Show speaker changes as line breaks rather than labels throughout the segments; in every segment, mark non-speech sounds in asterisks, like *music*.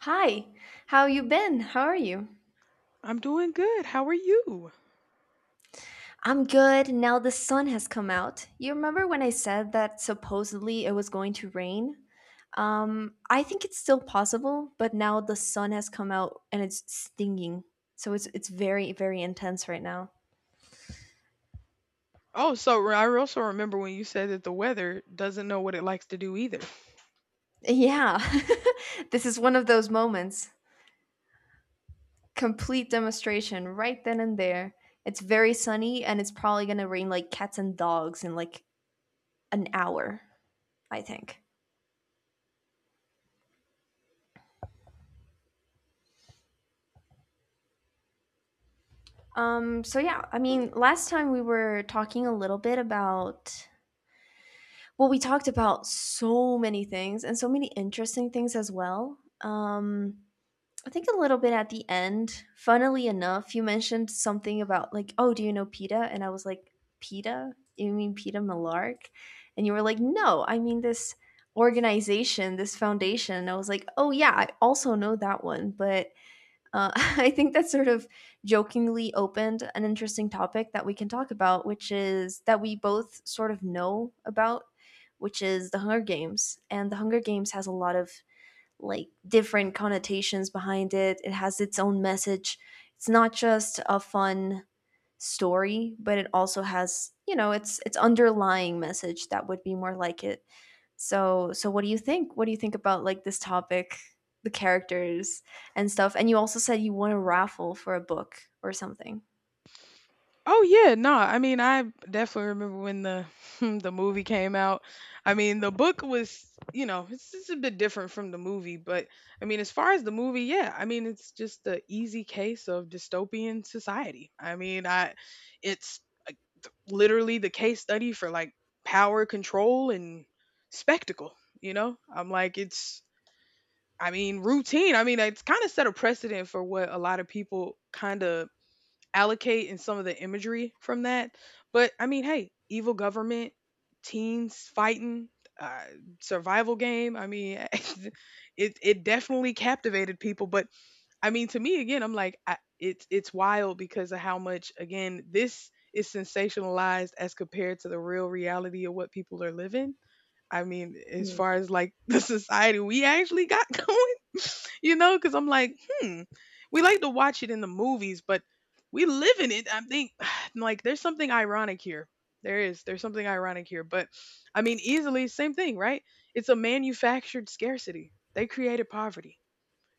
Hi, how you been? How are you?
I'm doing good. How are you?
I'm good. Now the sun has come out. You remember when I said that supposedly it was going to rain? I think it's still possible, but now the sun has come out and it's stinging. So it's very very intense right now.
Oh, I also remember when you said that the weather doesn't know what it likes to do either.
Yeah. *laughs* This is one of those moments. Complete demonstration right then and there. It's very sunny and it's probably going to rain like cats and dogs in like an hour, I think. So yeah, last time we were talking a little bit about, well, we talked about so many things and so many interesting things as well. I think a little bit at the end, funnily enough, you mentioned something about like, oh, do you know PETA? And I was like, PETA? You mean PETA Malark? And you were like, no, I mean this organization, this foundation. And I was like, oh yeah, I also know that one, but *laughs* I think that sort of jokingly opened an interesting topic that we can talk about, which is that we both sort of know about, which is the Hunger Games. And the Hunger Games has a lot of like different connotations behind it, it has its own message. It's not just a fun story, but it also has, you know, its underlying message that would be more like it. So what do you think? What do you think about like this topic, the characters and stuff? And you also said you won a raffle for a book or something.
Oh yeah, no. I mean, I definitely remember when the *laughs* the movie came out. I mean, the book was, you know, it's a bit different from the movie, but I mean, as far as the movie, yeah. I mean, it's just the easy case of dystopian society. I mean, I it's like, literally the case study for like power control and spectacle, you know? I'm like it's I mean, routine. I mean, it's kind of set a precedent for what a lot of people kind of allocate in some of the imagery from that. But I mean, hey, evil government, teens fighting, uh, survival game. I mean, *laughs* it definitely captivated people. But I mean, to me, again, I'm like, it's wild because of how much again this is sensationalized as compared to the real reality of what people are living. I mean, as
Mm.
far as like *laughs* the society we actually got *laughs* going, you know, because I'm like, hmm, we like to watch it in the movies, but we live in it. I think, *sighs* like, there's something ironic here. There is. There's something ironic here. But I mean, easily, same thing, right? It's a manufactured scarcity. They created poverty,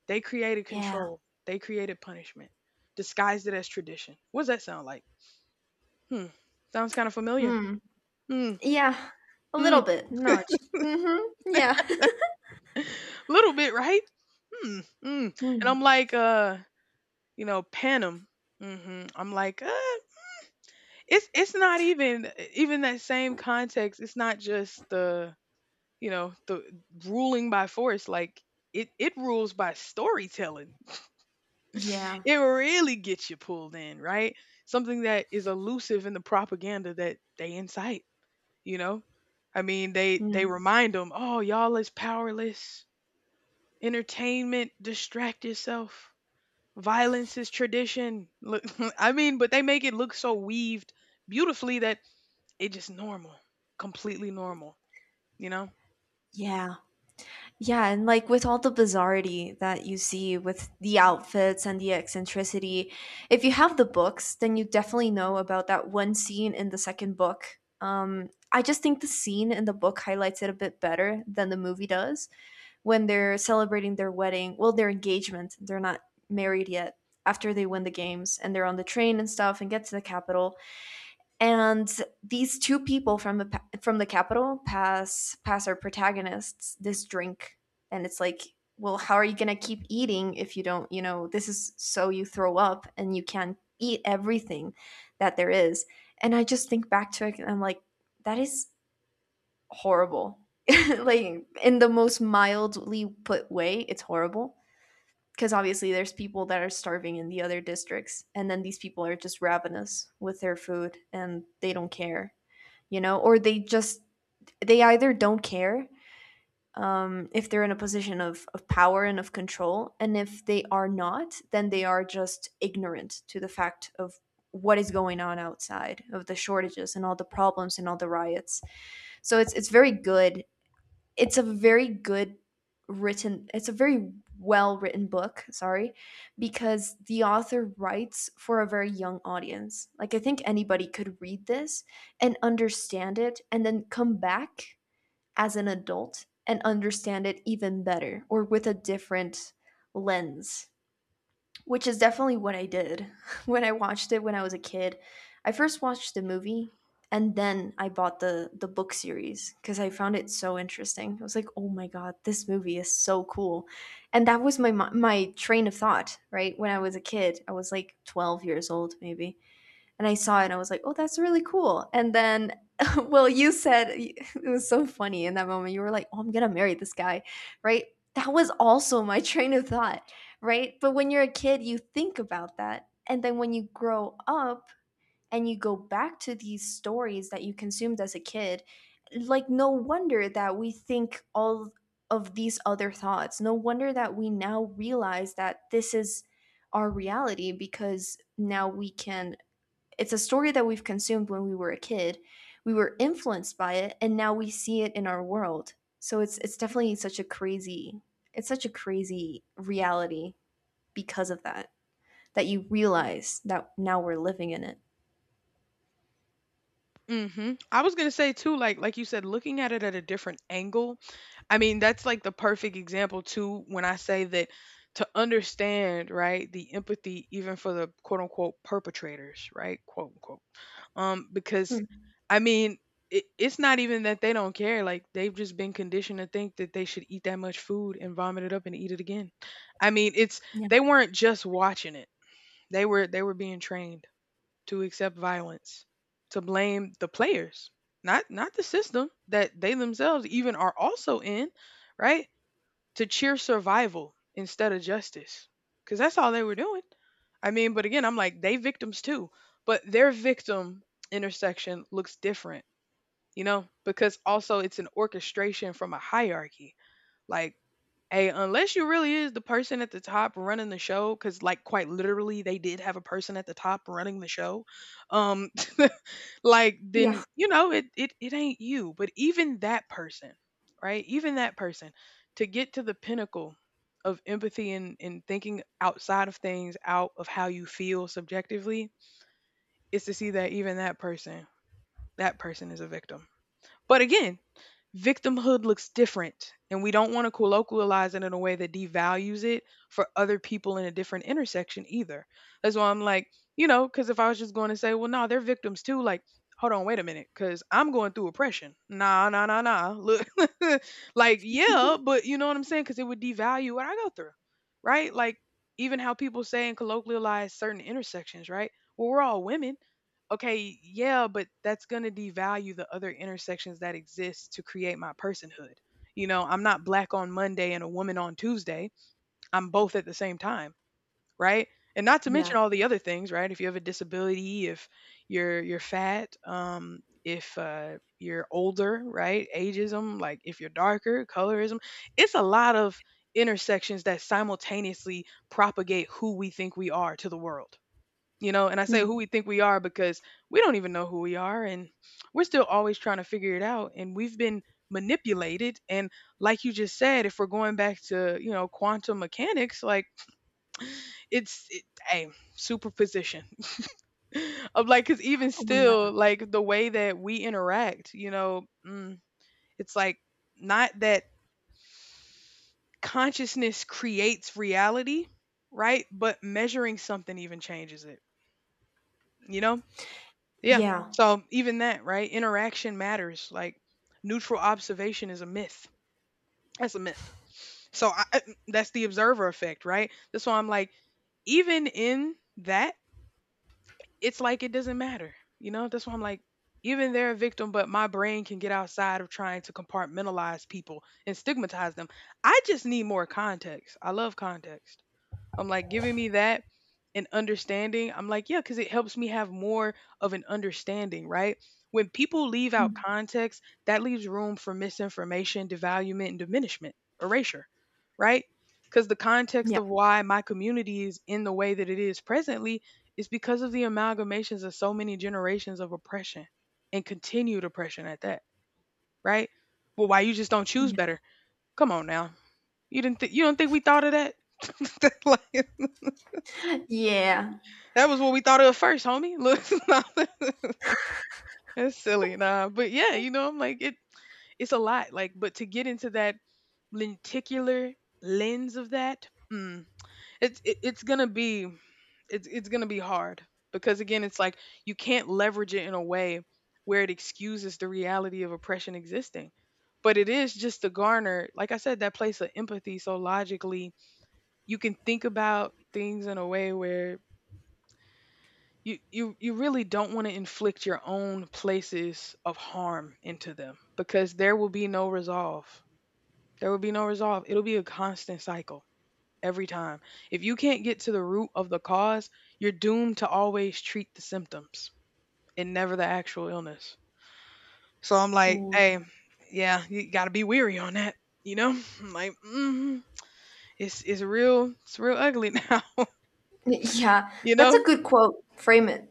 they created
Yeah.
control, they created punishment, disguised it as tradition. What does that sound like? Hmm. Sounds kind of familiar.
Hmm.
Hmm.
Yeah. A
Hmm.
little bit. No. it's- Mhm. Yeah. *laughs*
Little bit, right? Hmm. Mm. And I'm
Hmm.
like, you know, Panem. I'm like, it's not even that same context. It's not just the the ruling by force. Like it rules by storytelling.
Yeah.
It really gets you pulled in, right? Something that is elusive in the propaganda that they incite. You know, I mean, they
Hmm.
they remind them, oh, y'all is powerless. Entertainment, distract yourself. Violence is tradition. Look, *laughs* I mean, but they make it look so weaved beautifully that it just normal, completely normal, you know?
Yeah. Yeah, and like with all the bizarrety that you see with the outfits and the eccentricity, if you have the books, then you definitely know about that one scene in the second book. I just think the scene in the book highlights it a bit better than the movie does when they're celebrating their wedding, well, their engagement. They're not married yet after they win the games and they're on the train and stuff and get to the capital and these two people from the capital pass our protagonists this drink, and it's like, well, how are you going to keep eating if you don't, you know, this is so you throw up and you can't eat everything that there is. And I just think back to it and I'm like, that is horrible. *laughs* Like, in the most mildly put way, it's horrible, because obviously there's people that are starving in the other districts and then these people are just ravenous with their food and they don't care, you know, or they just, they either don't care, if they're in a position of power and of control, and if they are not, then they are just ignorant to the fact of what is going on outside of the shortages and all the problems and all the riots. So it's very good, it's a very good it's a very well written book, sorry, because the author writes for a very young audience. Like, I think anybody could read this and understand it and then come back as an adult and understand it even better or with a different lens, which is definitely what I did. *laughs* When I watched it when I was a kid, I first watched the movie and then I bought the book series because I found it so interesting. I was like, "Oh my god, this movie is so cool," and that was my train of thought right when I was a kid. I was like 12 years old, maybe, and I saw it and I was like, oh, that's really cool. And then, *laughs* well, you said it was so funny in that moment. You were like, oh, I'm going to marry this guy, right? That was also my *laughs* train of thought, right? But when you're a kid, you think about that. And then when you grow up and you go back to these stories that you consumed as a kid, like, no wonder that we think all of these other thoughts. No wonder that we now realize that this is our reality, because now we can, it's a story that we've consumed when we were a kid. We were influenced by it and now we see it in our world. So it's definitely such a crazy it's such a crazy reality because of that, that you realize that now we're living in it.
I was gonna say too, like you said, looking at it at a different angle. I mean, that's like the perfect example too when I say that to understand, right, the empathy even for the quote unquote perpetrators, right? Quote unquote, because
Hmm.
I mean it's not even that they don't care, like they've just been conditioned to think that they should eat that much food and vomit it up and eat it again. I mean it's
Yeah.
they weren't just watching it, they were being trained to accept violence, to blame the players, not the system that they themselves even are also in, right, to cheer survival instead of justice, because that's all they were doing. I mean, but again, I'm like they victims too, but their victim intersection looks different, you know, because also it's an orchestration from a hierarchy. Like, hey, unless you really is the person at the top running the show, because like quite literally they did have a person at the top running the show, um *laughs* like
Yeah.
then you know it ain't you. But even that person, right, even that person, to get to the pinnacle of empathy and, thinking outside of things out of how you feel subjectively is to see that even that person, that person is a victim. But again, victimhood looks different, and we don't want to colloquialize it in a way that devalues it for other people in a different intersection either. That's why I'm like, you know, because if I was just going to say, well, no, they're victims too, like, hold on, wait a minute, because I'm going through oppression. Nah, nah, nah, nah. Look, *laughs* like, yeah,
*laughs*
but you know what I'm saying? Because it would devalue what I go through, right? Like, even how people say and colloquialize certain intersections, right? Well, we're all women. Okay, yeah, but that's going to devalue the other intersections that exist to create my personhood. You know, I'm not black on Monday and a woman on Tuesday. I'm both at the same time, right? And not to
Yeah.
mention all the other things, right? If you have a disability, if you're fat, if you're older, right? Ageism, like if you're darker, colorism. It's a lot of intersections that simultaneously propagate who we think we are to the world, you know, and I say who
Hmm.
we think we are because we don't even know who we are, and we're still always trying to figure it out, and we've been manipulated and like you just said, if we're going back to you know quantum mechanics, like *sniffs* *tsk* hey, superposition *laughs* of like, because even
Oh yeah.
still like the way that we interact, you know, it's like not that consciousness creates reality, right, but measuring something even changes it, you know. Yeah.
Yeah.
So even that, right? Interaction matters. Like neutral observation is a myth. That's a myth. So that's the observer effect, right? That's why I'm like, even in that, it's like it doesn't matter. You know, that's why I'm like, even they're a victim, but my brain can get outside of trying to compartmentalize people and stigmatize them. I just need more context. I love context. I'm like, giving me that and understanding, I'm like, yeah, because it helps me have more of an understanding, right? When people leave out
Hmm.
context, that leaves room for misinformation, devaluement, and diminishment, erasure, right? Because the context
Yeah.
of why my community is in the way that it is presently is because of the amalgamations of so many generations of oppression, and continued oppression at that, right? Well, why you just don't choose
Yeah.
better? Come on now. You didn't you don't think we thought of that? *laughs* Like,
Yeah.
that was what we thought of first, homie. Look, *laughs* that's silly, nah. But yeah, you know, I'm like it. It's a lot, like, but to get into that lenticular lens of that, it's it, it's gonna be hard, because again, it's like you can't leverage it in a way where it excuses the reality of oppression existing. But it is just to garner, like I said, that place of empathy. So logically, you can think about things in a way where you really don't want to inflict your own places of harm into them, because there will be no resolve. There will be no resolve. It'll be a constant cycle every time. If you can't get to the root of the cause, you're doomed to always treat the symptoms and never the actual illness. So I'm like,
Ooh.
hey, yeah, you got to be weary on that, you know? *laughs* I'm like, it's real, it's real ugly *laughs* now,
Yeah.
you
That's
know?
a good quote. Frame it.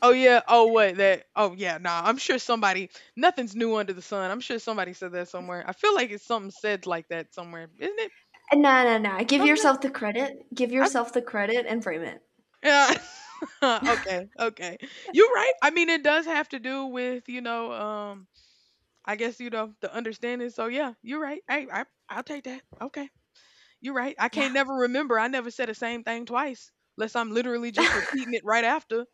Oh yeah. Oh what that oh yeah, nah. I'm sure somebody nothing's new under the sun. I'm sure somebody said that somewhere. I feel like it's something said like that somewhere, isn't it?
And No, no, no. Give
Something
yourself the credit. Give
I
yourself the credit and frame it.
yeah. *laughs* Okay, okay. You're right. I mean it does have to do with, you know, I guess you know, the understanding. So yeah, you're right. Hey, I I'll take that. Okay. You're right. I
Yeah.
can't never remember. I never said the same thing twice, unless I'm literally just repeating it right after.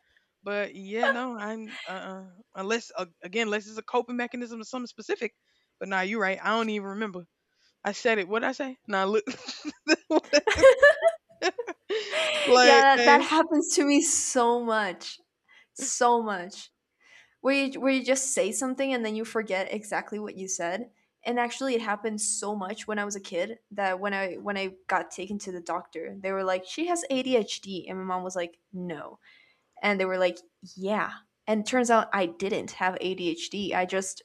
But yeah, no, I'm unless again, unless it's a coping mechanism or something specific. But nah, you're right. I don't even remember. I said it. What did I say? Nah, look, *laughs* like,
Yeah, that happens to me so much, so much, where where you just say something and then you forget exactly what you said. And actually, it happened so much when I was a kid, that when I got taken to the doctor, they were like, she has ADHD, and my mom was like, no. And they were like, yeah. And turns out I didn't have ADHD. I just,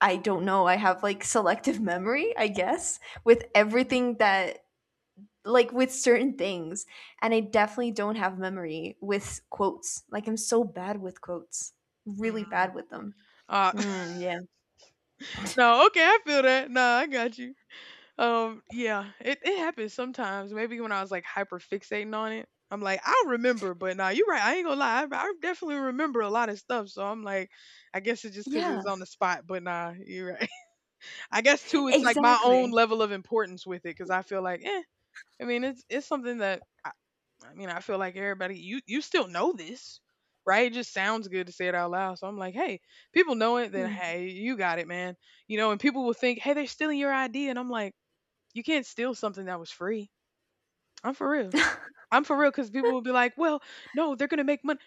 I don't know, I have like selective memory, I guess, with everything that, like with certain things. And I definitely don't have memory with quotes. Like, I'm so bad with quotes, really
mm,
bad with them.
uh, *laughs*
Yeah.
no, okay, I feel that. Nah, I got you. Yeah, it, it happens sometimes. Maybe when I was like hyper fixating on it, I'm like, I'll remember, but nah, you're right. I ain't gonna lie. I definitely remember a lot of stuff. So I'm like, I guess it's just because
Yeah,
it's on the spot, but nah, you're right. *laughs* I guess too, it's like my own
exactly.
level of importance with it because I feel like, eh, I mean, it's something that I mean, I feel like everybody, you still know this, right? It just sounds good to say it out loud. So I'm like, hey, people know it, then
Hmm,
hey, you got it, man. You know, and people will think, hey, they're stealing your idea. And I'm like, you can't steal something that was free. I'm for real. I'm for real because people will be like, well, no, they're going to make money.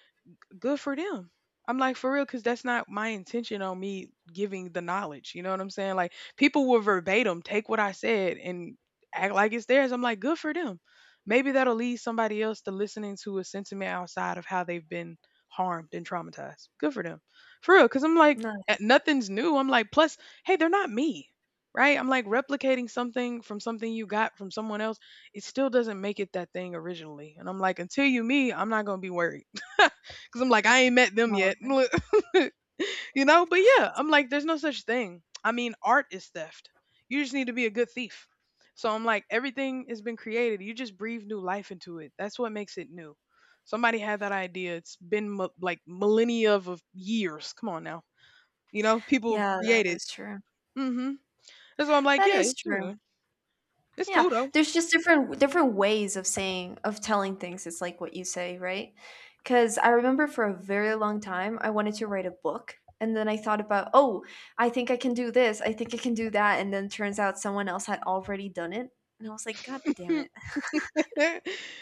Good for them. I'm like for real cuz that's not my intention on me giving the knowledge, you know what I'm saying? Like people will verbatim take what I said and act like it's theirs. I'm like good for them. Maybe that'll lead somebody else to listening to a sentiment outside of how they've been harmed and traumatized. Good for them. For real cuz I'm like
no,
nothing's new. I'm like plus hey, they're not me. Right? I'm like replicating something from something you got from someone else, it still doesn't make it that thing originally. And I'm like, until you me, I'm not gonna be worried. *laughs* Because I'm like, I ain't met them
no,
yet.
okay.
*laughs* You know? But yeah, I'm like, there's no such thing. I mean, art is theft. You just need to be a good thief. So I'm like, everything has been created. You just breathe new life into it. That's what makes it new. Somebody had that idea. It's been like millennia of years. Come on now. You know, people
Yeah, that
create it.
is true.
Mm-hmm. That's why I'm like,
That
yeah,
is
it's true.
true.
It's
Yeah,
cool
there's just different different ways of saying, of telling things. It's like what you say, right? Cuz I remember for a very long time I wanted to write a book and then I thought about, "Oh, I think I can do this. I think I can do that." And then turns out someone else had already done it. And I was like, "God damn
though.
it." *laughs*
*laughs*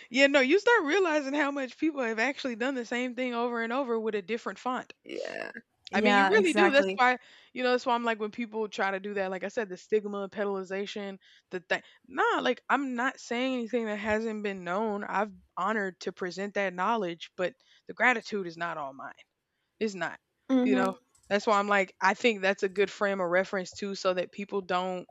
Yeah, no, you start realizing how much people have actually done the same thing over and over with a different font.
Yeah.
I mean, you
Yeah,
really do. That's
exactly.
why, you know, that's why I'm like when people try to do that, like I said, the stigma, pedalization, the thing. Nah, like I'm not saying anything that hasn't been known. I've honored to present that knowledge, but the gratitude is not all mine. It's not. You know,
Mhm.
that's why I'm like, I think that's a good frame of reference too, so that people don't,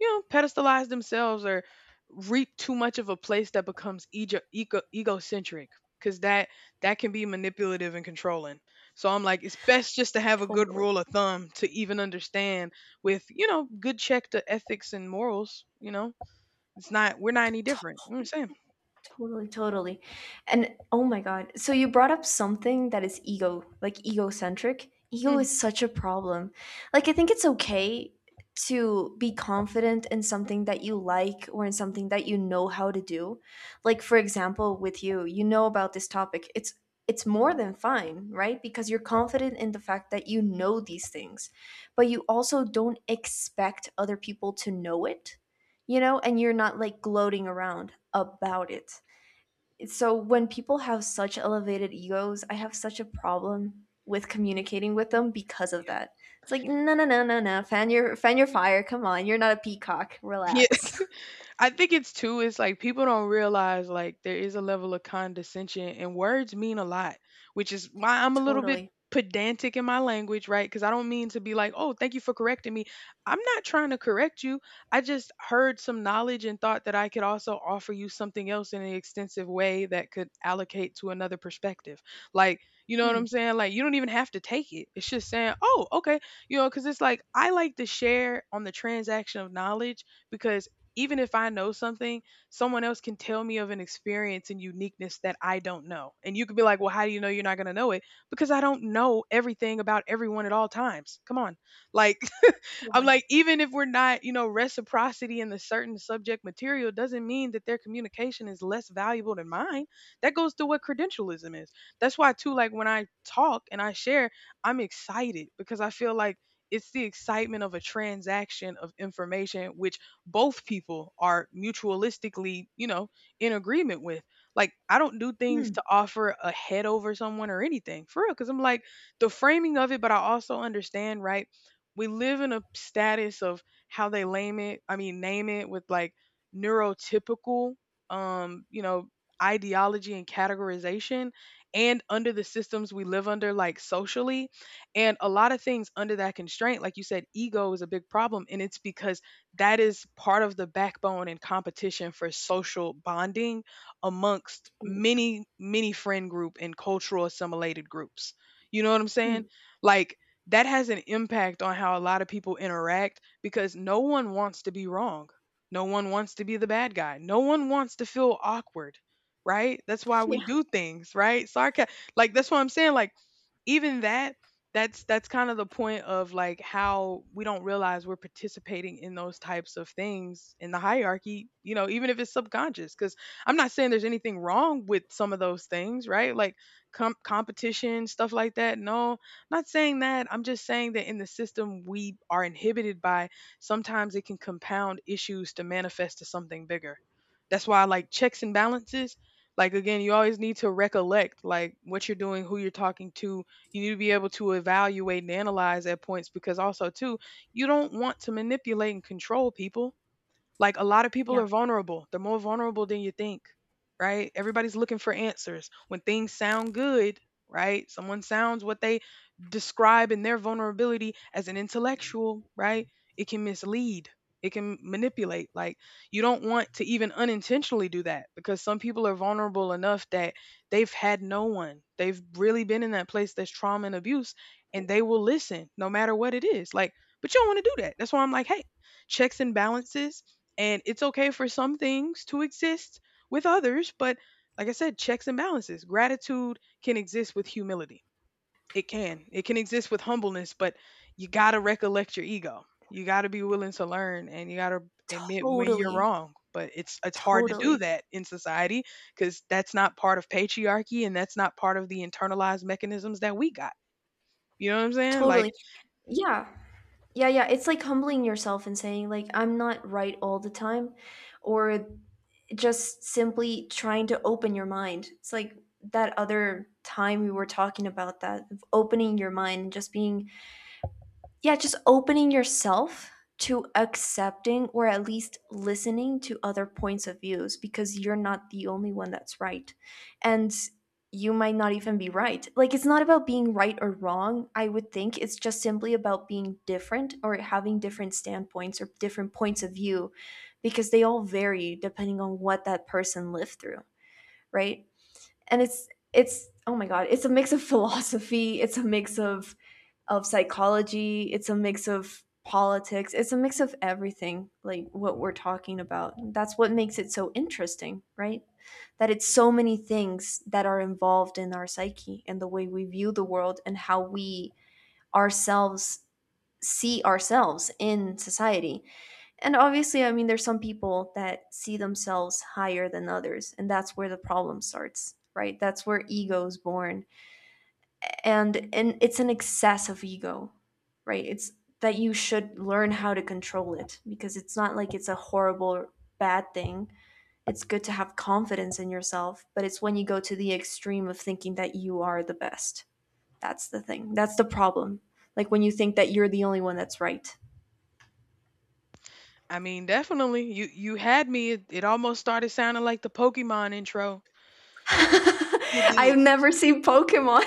you know, pedestalize themselves or reap too much of a place that becomes ego egocentric, because that can be manipulative and controlling. So I'm like, it's best just to have a good
Totally.
rule of thumb to even understand with, you know, good check to ethics and morals. You know, it's not, we're not any different. You know what I'm saying?
Totally, totally. And oh my God. So you brought up something that is ego, like egocentric. Ego
Mm,
is such a problem. Like, I think it's okay to be confident in something that you like or in something that you know how to do. Like, for example, with you, you know about this topic. It's more than fine, right? Because you're confident in the fact that you know these things, but you also don't expect other people to know it, you know, and you're not like gloating around about it. So when people have such elevated egos, I have such a problem with communicating with them because of
yeah.
that. It's like, no no no no no, fan your fire. Come on, you're not a peacock.
*laughs* Yeah.
Relax.
I think it's too, it's like people don't realize like there is a level of condescension and words mean a lot, which is why
*laughs*
I'm a little bit
Totally.
pedantic in my language, right? Because I don't mean to be like, oh, thank you for correcting me. I'm not trying to correct you. I just heard some knowledge and thought that I could also offer you something else in an extensive way that could allocate to another perspective. Like, you know what
Hmm.
I'm saying? Like, you don't even have to take it. It's just saying, oh, okay. You know, because it's like, I like to share on the transaction of knowledge because even if I know something, someone else can tell me of an experience and uniqueness that I don't know. And you could be like, well, how do you know you're not going to know it? Because I don't know everything about everyone at all times. Come on. Like, I'm
Totally.
like, even if we're not, you know, reciprocity in the certain subject material doesn't mean that their communication is less valuable than mine. That goes to what credentialism is. That's why, too, like when I talk and I share, I'm excited because I feel like it's the excitement of a transaction of information, which both people are mutualistically, you know, in agreement with. Like, I don't do things to
Hmm.
offer a head over someone or anything for real, because I'm like, the framing of it, but I also understand, right? We live in a status of how they name it, I mean, name it with like neurotypical, um you know ideology and categorization, and under the systems we live under, like, socially, and a lot of things under that constraint, like you said, ego is a big problem and it's because that is part of the backbone and competition for social bonding amongst
Mm.
many many friend group and cultural assimilated groups. You know what I'm saying?
Hmm.
Like that has an impact on how a lot of people interact because no one wants to be wrong. No one wants to be the bad guy. No one wants to feel awkward, right? That's why we
Yeah.
do things, right? Sarcasm. Like that's what I'm saying. Like even that, that's kind of the point of like how we don't realize we're participating in those types of things in the hierarchy, you know, even if it's subconscious. Because I'm not saying there's anything wrong with some of those things, right? Like competition, stuff like that. No, not saying that, I'm just saying that in the system we are inhibited by, sometimes it can compound issues to manifest to something bigger. That's why I like checks and balances, like again, you always need to recollect like what you're doing, who you're talking to. You need to be able to evaluate and analyze at points because also too, you don't want to manipulate and control people, like a lot of people are
Yeah.
vulnerable. They're more vulnerable than you think, right? Everybody's looking for answers. When things sound good, right? Someone sounds what they describe in their vulnerability as an intellectual, right? It can mislead. It can manipulate. Like you don't want to even unintentionally do that because some people are vulnerable enough that they've had no one. They've really been in that place that's trauma and abuse and they will listen no matter what it is. Like, but you don't want to do that. That's why I'm like, hey, checks and balances, and it's okay for some things to exist with others, but like I said, checks and balances. Gratitude can exist with humility. It can. It can exist with humbleness, but you got to recollect your ego. You got to be willing to learn and you got to admit when you're
Totally.
wrong. But it's hard to do
Totally.
that in society cuz that's not part of patriarchy and that's not part of the internalized mechanisms that we got. You know what I'm saying? Like
Totally. Yeah. Yeah, yeah. It's like humbling yourself and saying, like, I'm not right all the time, or just simply trying to open your mind. It's like that other time we were talking about that, of opening your mind and just being, yeah, just opening yourself to accepting or at least listening to other points of views, because you're not the only one that's right. And you might not even be right. Like, it's not about being right or wrong, I would think. It's just simply about being different or having different standpoints or different points of view, because they all vary depending on what that person lived through, right? And it's oh my god, it's a mix of *laughs* philosophy, it's a mix of psychology, it's a mix of politics, it's a mix of everything, like what we're talking about. That's what makes it so interesting, right? That it's so many things that are involved in our psyche and the way we view the world and how we ourselves see ourselves in society. And obviously, I mean, there's some people that see themselves higher than others, and that's where the problem starts, right? That's where ego is born. And it's an excess of ego, right? It's that you should learn how to control it, because it's not like it's a horrible bad thing. It's good to have confidence in yourself, but it's when you go to the extreme of thinking that you are the best. That's the thing. That's the problem. Like when you think that you're the only one that's right.
I mean, definitely you had me, it almost started sounding like the Pokemon intro.
*laughs*
It did.
I've never seen Pokemon.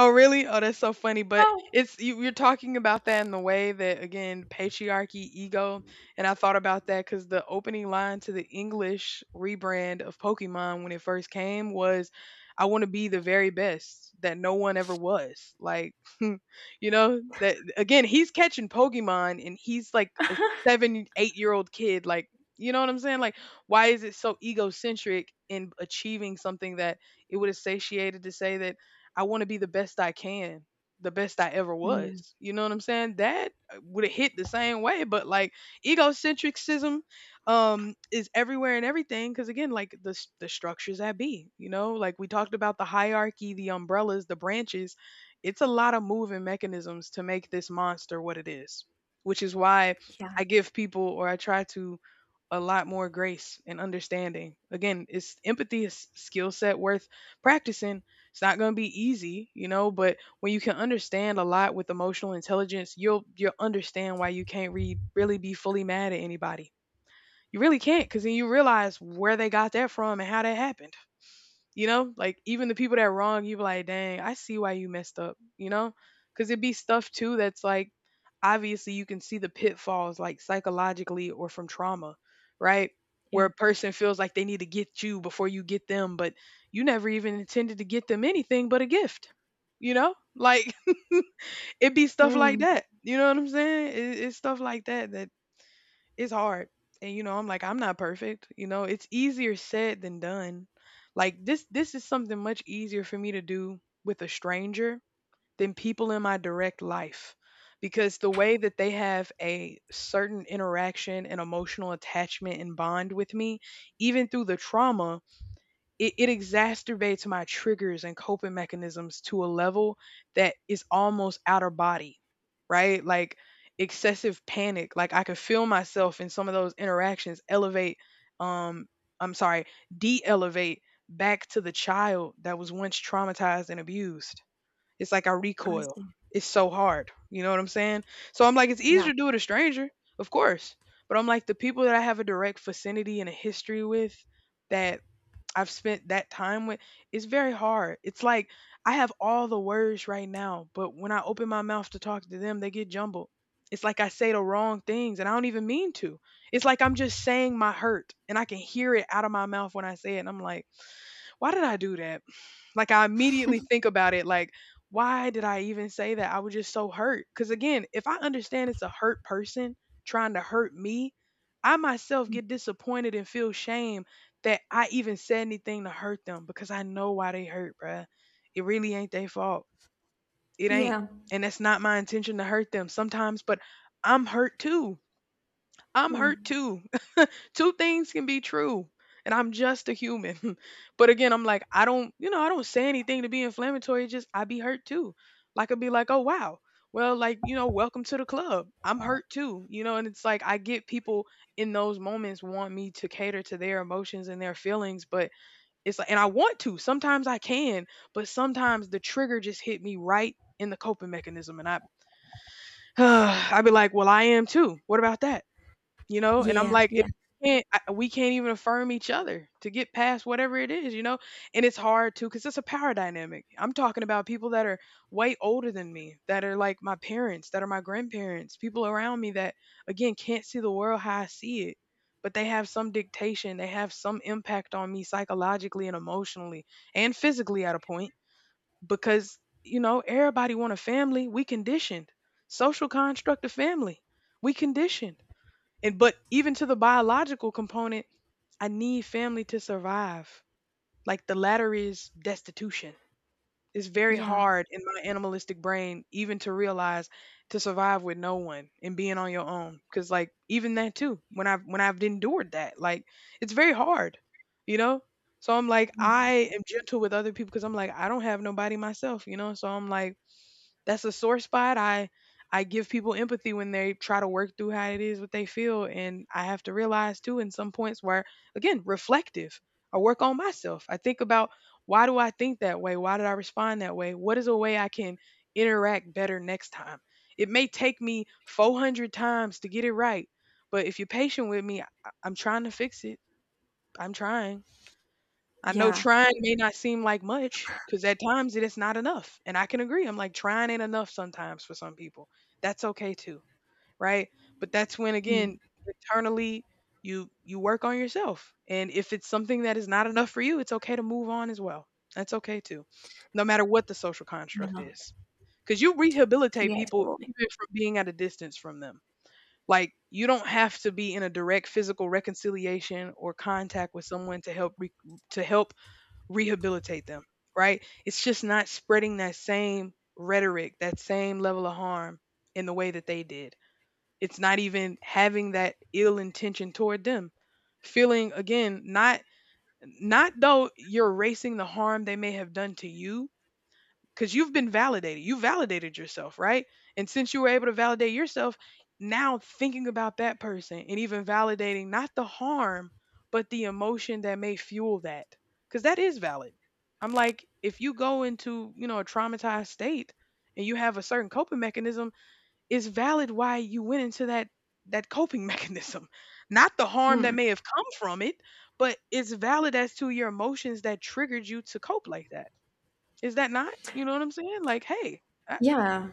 Oh, really? Oh, that's so funny, but
Oh.
it's you're talking about that in the way that again, patriarchy, ego, and I thought about that because the opening line to the English rebrand of Pokemon when it first came was, "I wanna be the very best that no one ever was." Like, *laughs* you know, that again, he's catching Pokemon and he's like a
*laughs*
7, 8-year-old kid, like, you know what I'm saying? Like, why is it so egocentric in achieving something that it would have satiated to say that I want to be the best I can, the best I ever
Mm,
was. You know what I'm saying? That would have hit the same way, but like egocentricism is everywhere and everything because again, like, the structures that be, you know, like we talked about, the hierarchy, the umbrellas, the branches, it's a lot of moving mechanisms to make this monster what it is, which is why
yeah,
I give people, or I try to, a lot more grace and understanding. Again, it's empathy is skill set worth practicing. It's not going to be easy, you know, but when you can understand a lot with emotional intelligence, you'll understand why you can't really be fully mad at anybody. You really can't cuz then you realize where they got that from and how that happened. You know, like even the people that wrong you, be like, dang, I see why you messed up. You know, because it'd be stuff too that's like obviously you can see the pitfalls like psychologically or from trauma, right?
yeah.
Where a person feels like they need to get you before you get them, but you never even intended to get them anything but a gift. You know, like *laughs* it be stuff like
Mm,
that. You know what I'm saying? It's stuff like that it's hard. And you know, I'm like, I'm not perfect. You know, it's easier said than done. Like this is something much easier for me to do with a stranger than people in my direct life. Because the way that they have a certain interaction and emotional attachment and bond with me, even through the trauma, it exacerbates my triggers and coping mechanisms to a level that is almost outer body, right? Like excessive panic. Like I could feel myself in some of those interactions elevate, um, I'm sorry, de elevate back to the child that was once traumatized and abused. It's like I
I
recoil.
see.
It's so hard. You know what I'm saying? So I'm like, it's
Yeah.
easier to do with a stranger, of course. But I'm like, the people that I have a direct vicinity and a history with, that I've spent that time with, it's very hard. It's like I have all the words right now, but when I open my mouth to talk to them, they get jumbled. It's like I say the wrong things and I don't even mean to. It's like I'm just saying my hurt and I can hear it out of my mouth when I say it. And I'm like, why did I do that? Like I immediately think about it like why did I even say that? I was just so hurt. Cuz again, if I understand it's a hurt person trying to hurt me, I myself
Mm.
get disappointed and feel shame that I even said anything to hurt them because I know why they hurt, bruh. It really ain't their fault. It ain't.
Yeah.
And that's not my intention to hurt them sometimes, but I'm hurt too. I'm hurt
Mm.
too. *laughs* Two things can be true. And I'm just a human. *laughs* But again, I'm like, I don't say anything to be inflammatory. It's just I be hurt too. Like I'd be like, oh wow. Well, welcome to the club. I'm hurt too. You know, and it's like I get people in those moments want me to cater to their emotions and their feelings, but it's like and I want to. Sometimes I can, but sometimes the trigger just hit me right in the coping mechanism and I *sighs* I'd be like, well, I am too. What about that? You know, and I'm
Yeah,
like it
yeah,
can't, I, we can't even affirm each other to get past whatever it is. And it's hard too because it's a power dynamic. I'm talking about people that are way older than me, that are like my parents, that are my grandparents, people around me that again can't see the world how I see it, but they have some dictation, they have some impact on me psychologically and emotionally and physically at a point, because you know everybody want a family. We conditioned social construct of family. We conditioned, and but even to the biological component, I need family to survive. Like the latter is destitution. It's very
yeah.
hard in my animalistic brain even to realize to survive with no one and being on your own. Cause like even that too, when I've endured that, like it's very hard, you know? So I'm like,
Mm.
I am gentle with other people because I'm like, I don't have nobody myself, you know? So I'm like, that's a sore spot. I give people empathy when they try to work through how it is what they feel, and I have to realize too in some points where again reflective. I work on myself. I think about, why do I think that way? Why did I respond that way? What is a way I can interact better next time? It may take me 400 times to get it right, but if you're patient with me, I'm trying to fix it. I'm trying. I know
Yeah.
trying may not seem like much because at times it is not enough. And I can agree. I'm like, trying ain't enough sometimes for some people. That's okay too. Right. But that's when, again,
Mm.
internally, you work on yourself, and if it's something that is not enough for you, it's okay to move on as well. That's okay too, no matter what the social construct
Yeah.
is, because you rehabilitate
Yeah,
people
totally.
even from being at a distance from them. Like you don't have to be in a direct physical reconciliation or contact with someone to to help rehabilitate them, right? It's just not spreading that same rhetoric, that same level of harm in the way that they did. It's not even having that ill intention toward them. Feeling again, not though you're erasing the harm they may have done to you, because you've been validated. You validated yourself, right? And since you were able to validate yourself, now thinking about that person and even validating not the harm, but the emotion that may fuel that, because that is valid. I'm like, if you go into, you know, a traumatized state and you have a certain coping mechanism, it's valid why you went into that coping *laughs* mechanism. Not the harm that
Mm.
may have come from it, but it's valid as to your emotions that triggered you to cope like that. Is that not? You know what I'm saying? Like, hey, I,
Yeah.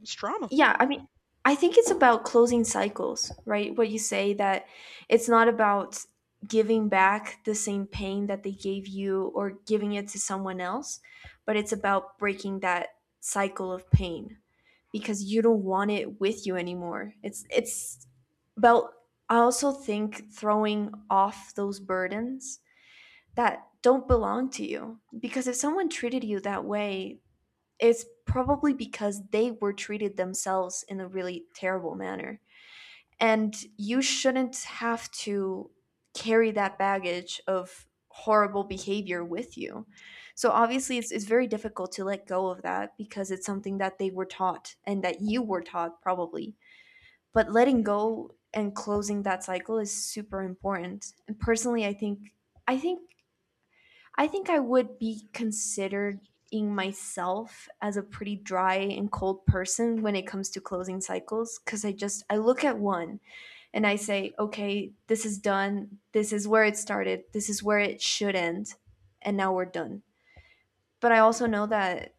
it's trauma.
Yeah, I mean, I think it's about closing cycles, right? What you say, that it's not about giving back the same pain that they gave you or giving it to someone else, but it's about breaking that cycle of pain, because you don't want it with you anymore. It's about, I also think, throwing off those burdens that don't belong to you, because if someone treated you that way, it's probably because they were treated themselves in a really terrible manner. And you shouldn't have to carry that baggage of horrible behavior with you. So obviously it's very difficult to let go of that, because it's something that they were taught and that you were taught probably. But letting go and closing that cycle is super important. And personally I think I think I would be considering myself as a pretty dry and cold person when it comes to closing cycles, because I just, I look at one and I say, okay, this is done. This is where it started. This is where it should end. And now we're done. But I also know that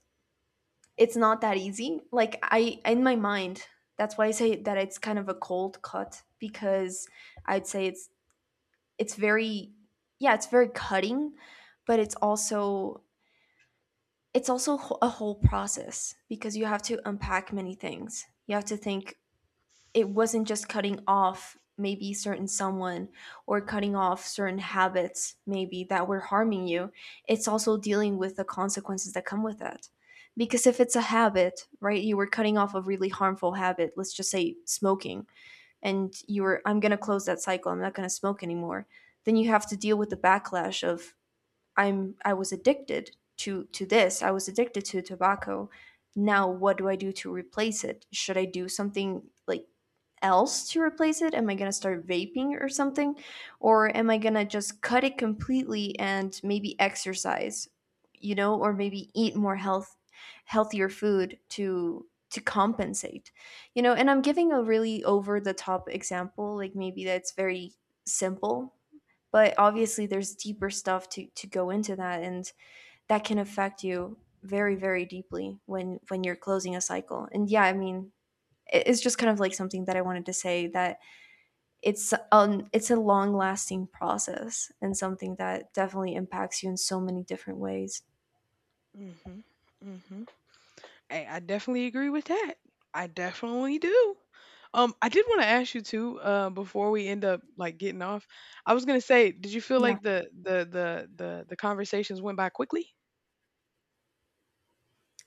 it's not that easy. Like, I, in my mind, that's why I say that it's kind of a cold cut, because I'd say it's very, yeah, it's very cutting, but it's also a whole process, because you have to unpack many things. You have to think, it wasn't just cutting off maybe certain someone or cutting off certain habits maybe that were harming you. It's also dealing with the consequences that come with that, because if it's a habit, right, you were cutting off a really harmful habit, let's just say smoking, and you were, I'm going to close that cycle, I'm not going to smoke anymore. Then you have to deal with the backlash of, I was addicted to this, I was addicted to tobacco. Now what do I do to replace it? Should I do something like else to replace it? Am I going to start vaping or something? Or am I going to just cut it completely and maybe exercise, you know, or maybe eat more healthier food to compensate. You know, and I'm giving a really over the top example. Like, maybe that's very simple, but obviously there's deeper stuff to go into that, and that can affect you very very deeply when you're closing a cycle. And yeah, I mean, it's just kind of like something that I wanted to say, that it's a long lasting process and something that definitely impacts you in so many different ways.
Mm-hmm. Mm-hmm. Hey, I definitely agree with that. I definitely do. I did want to ask you too, before we end up like getting off. I was gonna say, did you feel
Yeah.
like the conversations went by quickly?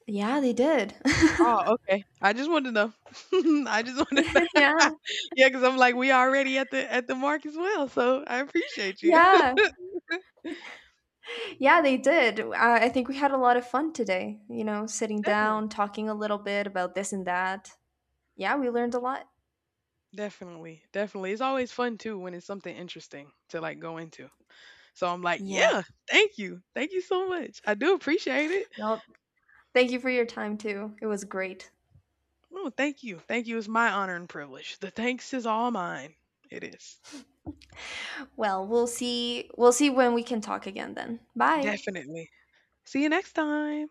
Yeah, they did. *laughs*
Oh, okay. I just wanted to know. *laughs* I just wanted to
Yeah.
*laughs* Yeah, because I'm like, we already at the mark as well. So I appreciate you.
Yeah. Yeah, they did. I think we had a lot of fun today, you know, sitting
*laughs* Definitely.
down, talking a little bit about this and that. Yeah, we learned a lot.
Definitely, definitely. It's always fun too when it's something interesting to like go into. So I'm like,
Yeah.
yeah, thank you. Thank you so much. I do appreciate it.
No, thank you for your time too. It was great.
Oh, thank you. Thank you. It's my honor and privilege. The thanks is all mine. It is.
Well, we'll see when we can talk again then. Bye.
Definitely. See you next time.